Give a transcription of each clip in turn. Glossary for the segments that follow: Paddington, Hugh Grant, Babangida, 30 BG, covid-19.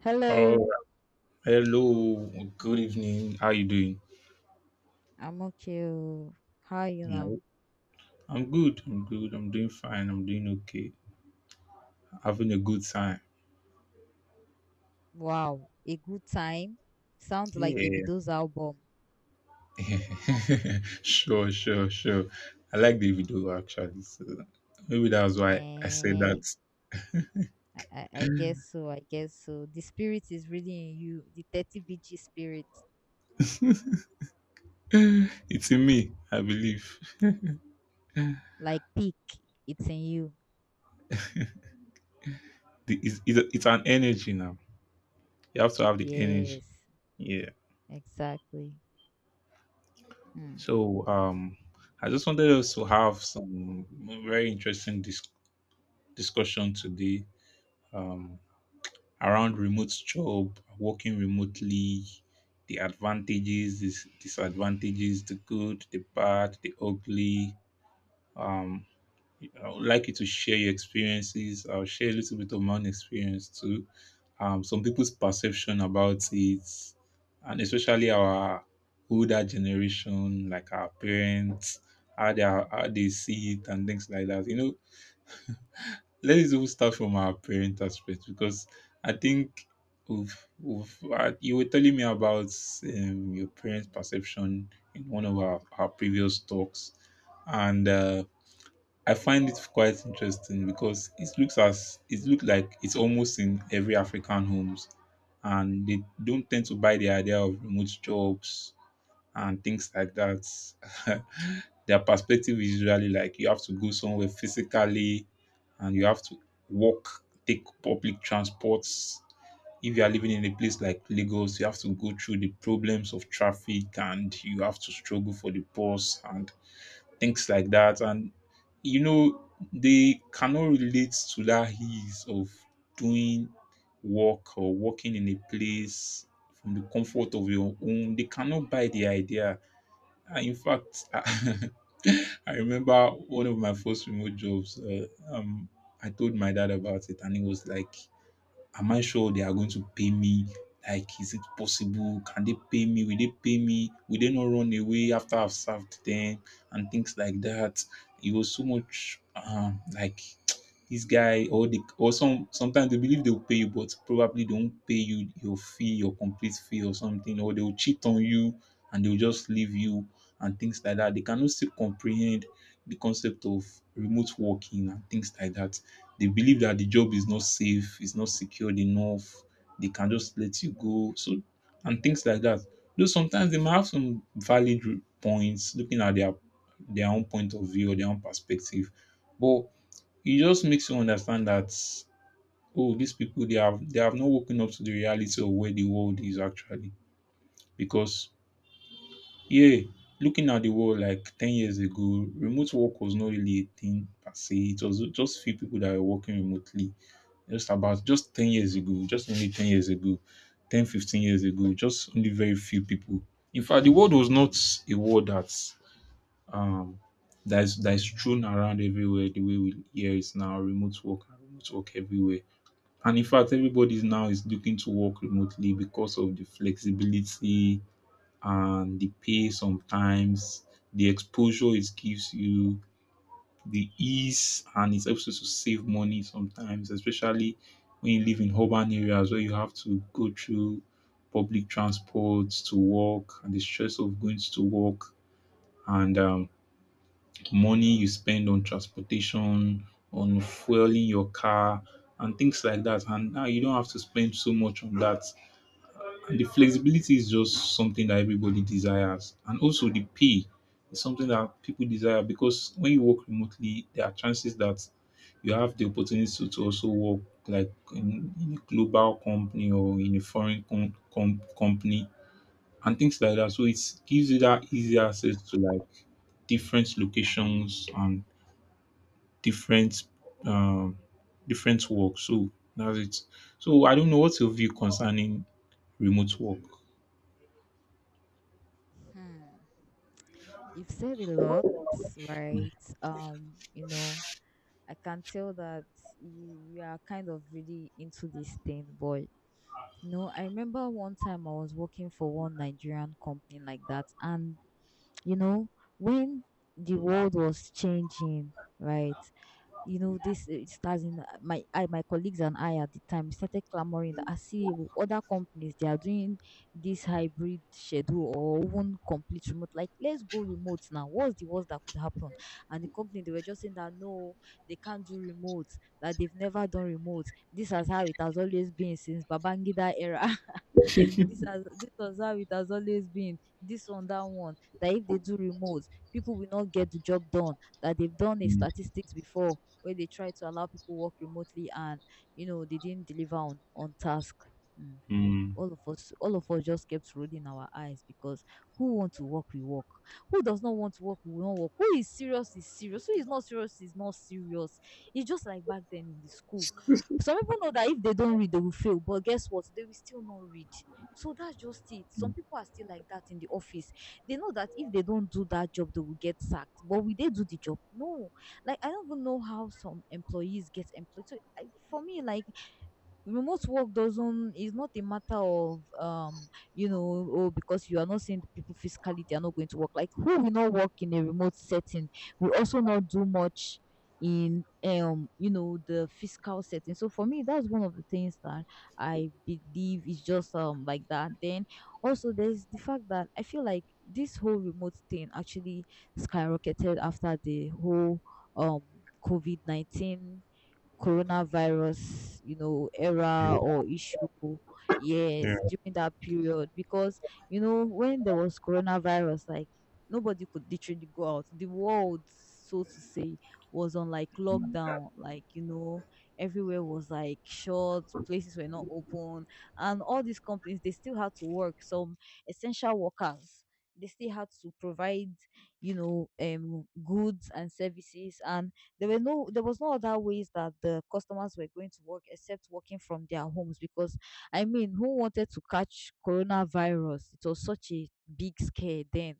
Hello, Oh, hello. Good evening. How you doing? I'm okay. Oh. How you Yeah. know? I'm good. I'm good. I'm doing fine. I'm doing okay. Having a good time. Wow, a good time. Sounds like Yeah. Davido's album. Sure, sure, sure. I like the video actually. So maybe that was why I said Eh, that. I guess so. I guess so. The spirit is really in you. The 30 BG spirit, It's in me, I believe. The- like peak, it's in you. it's an energy now. You have to have the energy. Yes, Yeah. exactly. Hmm. So I just wanted us to have some very interesting discussion today um, around remote job, working remotely, the advantages, disadvantages, the good, the bad, the ugly. Um, I would like you to share your experiences. I'll share a little bit of my own experience too. Some people's perception about it, and especially our older generation, like our parents, how they are, how they see it and things like that. Let's even start from our parent aspect because I think we've you were telling me about your parents' perception in one of our previous talks, and I find it quite interesting because it looks as it looked like it's almost in every African homes, and they don't tend to buy the idea of remote jobs and things like that. Their perspective is usually like you have to go somewhere physically and you have to walk, take public transports. If you are living in a place like Lagos, you have to go through the problems of traffic and you have to struggle for the bus and things like that. And they cannot relate to that ease of doing work or working in a place from the comfort of your home. They cannot buy the idea. Ah, in fact, I remember one of my first remote jobs. I told my dad about it, and he was like, am I sure they are going to pay me? Like, is it possible? Can they pay me? Will they pay me? Will they not run away after I've served them? And things like that. It was so much like this guy or the or some sometimes they believe they'll pay you, but probably they won't pay you your fee, your complete fee or something, or they'll cheat on you and they'll just leave you and things like that. They cannot still comprehend the concept of remote working and things like that. They believe that the job is not safe, it's not secured enough, they can just let you go. So and things like that. Though sometimes they might have some valid points looking at their own point of view or their own perspective. But it just makes you understand that oh, these people they have not woken up to the reality of where the world is actually. Because, yeah, looking at the world like 10 years ago, remote work was not really a thing per se. It was just few people that were working remotely just about just 10 years ago, just only 10 years ago, 10, 15 years ago, just only very few people. In fact, the world was not a word um that is strewn around everywhere the way we hear it now, remote work and remote work everywhere. And in fact, everybody is looking to work remotely because of the flexibility and the pay sometimes, the exposure it gives you, the ease, and it helps you to save money sometimes, especially when you live in urban areas where you have to go through public transport to work and the stress of going to work and money you spend on transportation, on fueling your car and things like that. And now you don't have to spend so much on that. The flexibility is just something that everybody desires, and also the pay is something that people desire because when you work remotely, there are chances that you have the opportunity to also work like in a global company or in a foreign company and things like that. So it gives you that easy access to like different locations and different um, different work. So that's it. So I don't know what's your view concerning remote work. Hmm. You've said a lot, right? Um, you know, I can tell that you are kind of really into this thing, boy. No, I remember one time I was working for one Nigerian company like that, and you know, when the world was changing, right? This it starts in my colleagues and I at the time started clamoring that other companies they are doing this hybrid schedule or even complete remote. Like, let's go remote now. What's the worst that could happen? And the company, they were just saying that no, they can't do remote, that they've never done remote. This is how it has always been since Babangida era, this was how it has always been. This one, that one, that if they do remote, people will not get the job done, that they've done a Mm, statistics before where they try to allow people work remotely, and you know, they didn't deliver on task. Mm. mm, All of us just kept rolling our eyes, because who want to work, we work. Who does not want to work, we won't work. Who is serious is serious, who is not serious is not serious. It's just like back then in the school. Some people know that if they don't read they will fail, but guess what, they will still not read. So that's just it. Some people are still like that in the office. They know that if they don't do that job they will get sacked, but will they do the job? No. Like, I don't even know how some employees get employed. For me, like, remote work doesn't is not a matter of you know, oh, because you are not seeing the people physically, they are not going to work. Like, who will not work in a remote setting will also not do much in you know, the fiscal setting. So for me, that's one of the things that I believe is just like that. Then also, there's the fact that I feel like this whole remote thing actually skyrocketed after the whole um COVID-19 coronavirus, you know, yeah, era or issue. Yes, yeah, during that period, because you know, when there was coronavirus, like, nobody could literally go out. The world, so to say, was on like lockdown. Like, you know, everywhere was like shut, places were not open, and all these companies, they still had to work. Some essential workers, they still had to provide, you know, goods and services, and there was no other ways that the customers were going to work except working from their homes, because I mean, who wanted to catch coronavirus? It was such a big scare then.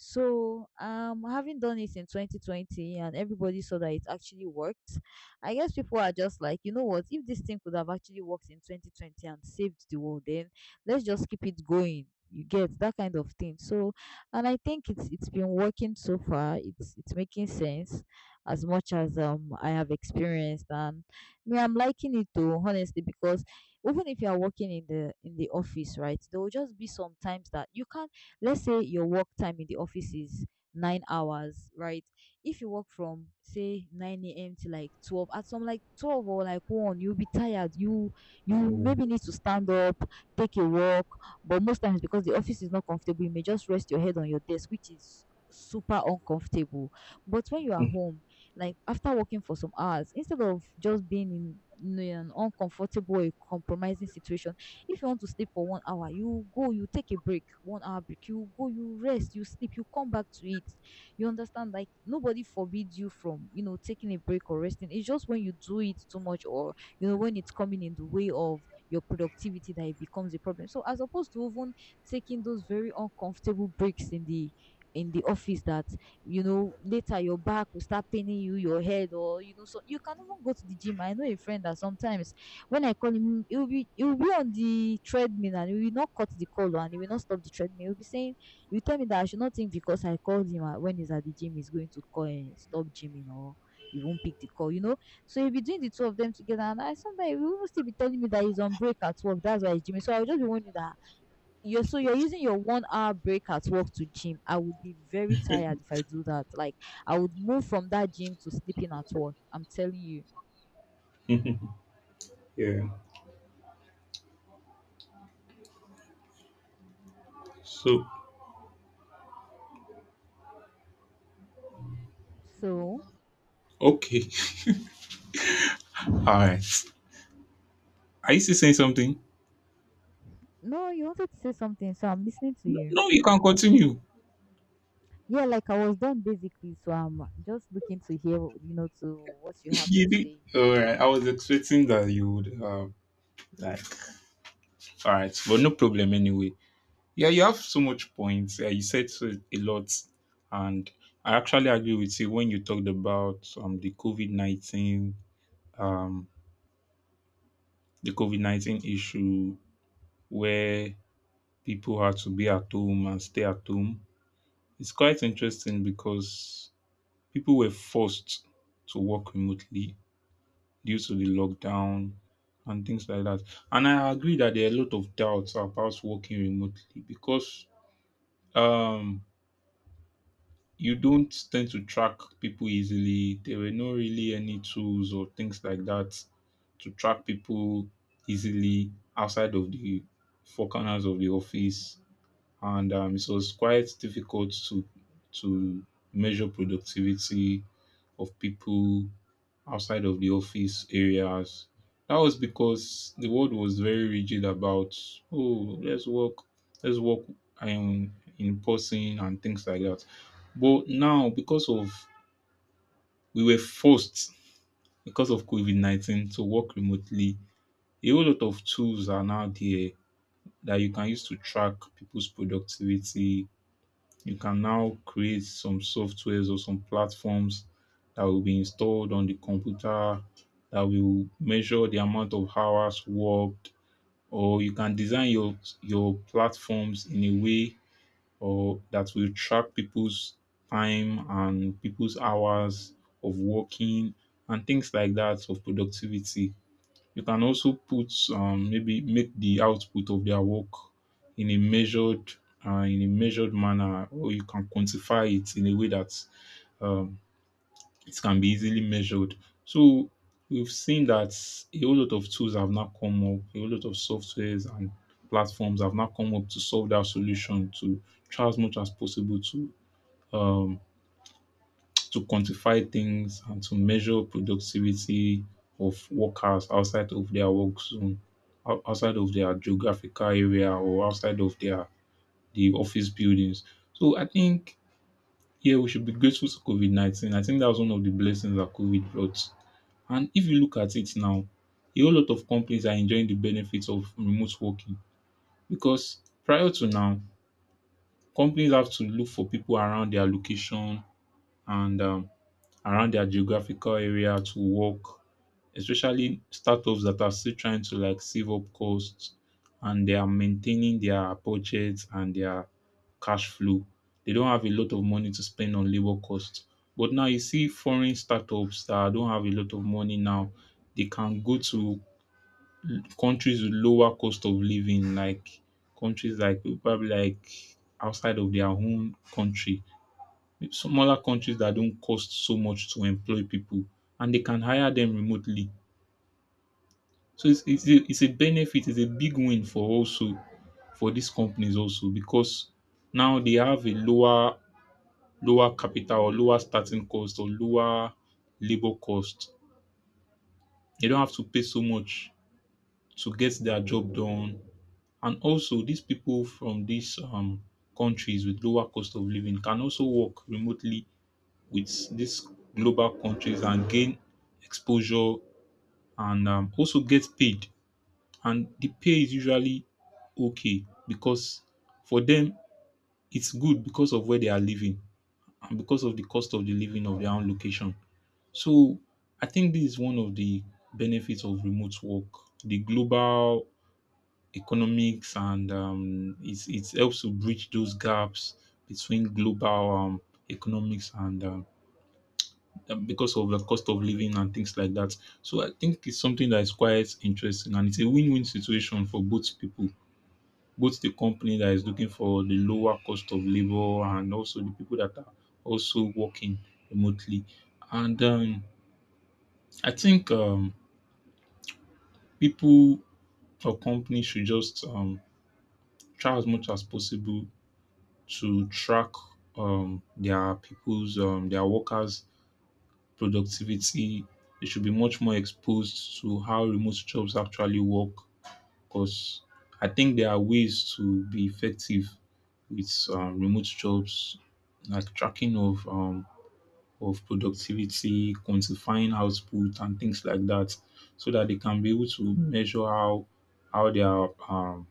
So, having done it in 2020 and everybody saw that it actually worked, I guess people are just like, you know what, if this thing could have actually worked in 2020 and saved the world, then let's just keep it going. You get that kind of thing. So, and I think it's been working so far. It's making sense as much as I have experienced. And me, I'm liking it though, honestly, because even if you are working in the office, right, there will just be some times that you can't. Let's say your work time in the office is 9 hours, right? If you work from say 9 a.m. to like 12, at some like 12 or like one, you'll be tired. You maybe need to stand up, take a walk, but most times because the office is not comfortable, you may just rest your head on your desk, which is super uncomfortable. But when you are home, like, after working for some hours, instead of just being in, you know, in an uncomfortable, a compromising situation, if you want to sleep for 1 hour, you go, you take a break, 1 hour break, you go, you rest, you sleep, you come back to it. You understand? Like, nobody forbids you from, you know, taking a break or resting. It's just when you do it too much, or you know, when it's coming in the way of your productivity, that it becomes a problem. So, as opposed to even taking those very uncomfortable breaks in the office, that, you know, later your back will start paining you, your head, or you know. So you can even go to the gym. I know a friend that sometimes when I call him, he will be on the treadmill, and he will not cut the call, and he will not stop the treadmill. He will be saying, "You tell me that I should not think," because I called him when he's at the gym, he's going to call and stop gymming, or he won't pick the call. You know, so he'll be doing the two of them together, and I, sometimes he will even still be telling me that he's on break at work. That's why he's gymming. So I will just be wondering that you're using your 1 hour break at work to gym. I would be very tired if I do that. Like, I would move from that gym to sleeping at work. I'm telling you. yeah. Yeah. So, So. okay. All right. Are you still saying something? No, you wanted to say something, so I'm listening to No, you. no, you can continue. Yeah, like, I was done basically, so I'm just looking to hear, you know, to what you have You to did. say. All right. I was expecting that you would, like, all right. But no problem anyway. Yeah, you have so much points. Yeah, you said so a lot. And I actually agree with you when you talked about the COVID 19, um, the COVID 19 issue where people had to be at home and stay at home. It's quite interesting because people were forced to work remotely due to the lockdown and things like that. And I agree that there are a lot of doubts about working remotely because um, you don't tend to track people easily. There were no really any tools or things like that to track people easily outside of the four corners of the office. And it was quite difficult to measure productivity of people outside of the office areas. That was because the world was very rigid about oh let's work, in person and things like that. But now because of we were forced because of COVID 19 to work remotely, a whole lot of tools are now there that you can use to track people's productivity, you can now create some softwares or some platforms that will be installed on the computer that will measure the amount of hours worked or you can design your platforms in a way or that will track people's time and people's hours of working and things like that of productivity. You can also put maybe make the output of their work in a measured in a measured manner, or you can quantify it in a way that um, it can be easily measured. So we've seen that a whole lot of tools have now come up, a whole lot of softwares and platforms have now come up to solve that solution to try as much as possible um, to quantify things and to measure productivity of workers outside of their work zone, outside of their geographical area or outside of the office buildings. So I think, yeah, we should be grateful to COVID 19. I think that was one of the blessings that COVID brought. And if you look at it now, a whole lot of companies are enjoying the benefits of remote working because prior to now, companies have to look for people around their location and around their geographical area to work, especially startups that are still trying to like save up costs and they are maintaining their budgets and their cash flow. They don't have a lot of money to spend on labor costs. But now you see foreign startups that don't have a lot of money now, they can go to countries with lower cost of living, like countries like probably like outside of their own country, smaller countries that don't cost so much to employ people and they can hire them remotely. So it's a benefit, it's a big win for also for these companies also because now they have a lower capital or lower starting cost or lower labor cost. They don't have to pay so much to get their job done. And also these people from these countries with lower cost of living can also work remotely with these global countries and gain exposure and also get paid. And the pay is usually okay because for them it's good because of where they are living and because of the cost of the living of their own location. So I think this is one of the benefits of remote work. The global economics and it helps to bridge those gaps between global economics and because of the cost of living and things like that. So I think it's something that is quite interesting and it's a win-win situation for both people, both the company that is looking for the lower cost of labor and also the people that are also working remotely. And I think people or companies should just try as much as possible to track their workers productivity. They should be much more exposed to how remote jobs actually work because I think there are ways to be effective with remote jobs, like tracking of productivity, quantifying output, and things like that, so that they can be able to measure how their um,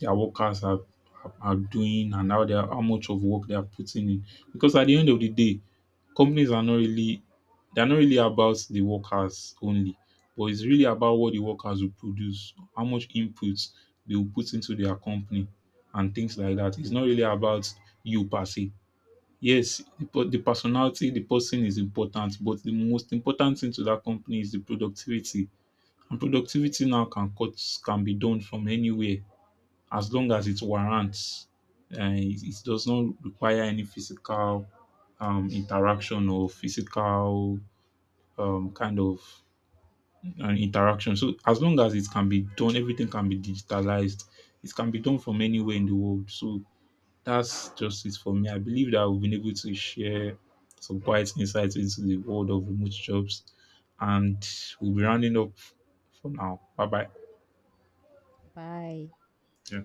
their workers are doing and how much of work they are putting in. Because at the end of the day, companies are not really they're not really about the workers only, but it's really about what the workers will produce, how much inputs they will put into their company and things like that. It's not really about you per se. Yes, the personality, the person is important, but the most important thing to that company is the productivity. And productivity now can be done from anywhere as long as it warrants. It does not require any physical interaction or physical kind of interaction. So as long as it can be done, everything can be digitalized. It can be done from anywhere in the world. So that's just it for me. I believe that we've been able to share some quiet insights into the world of remote jobs, and we'll be rounding up for now. Bye bye. Bye. Yeah.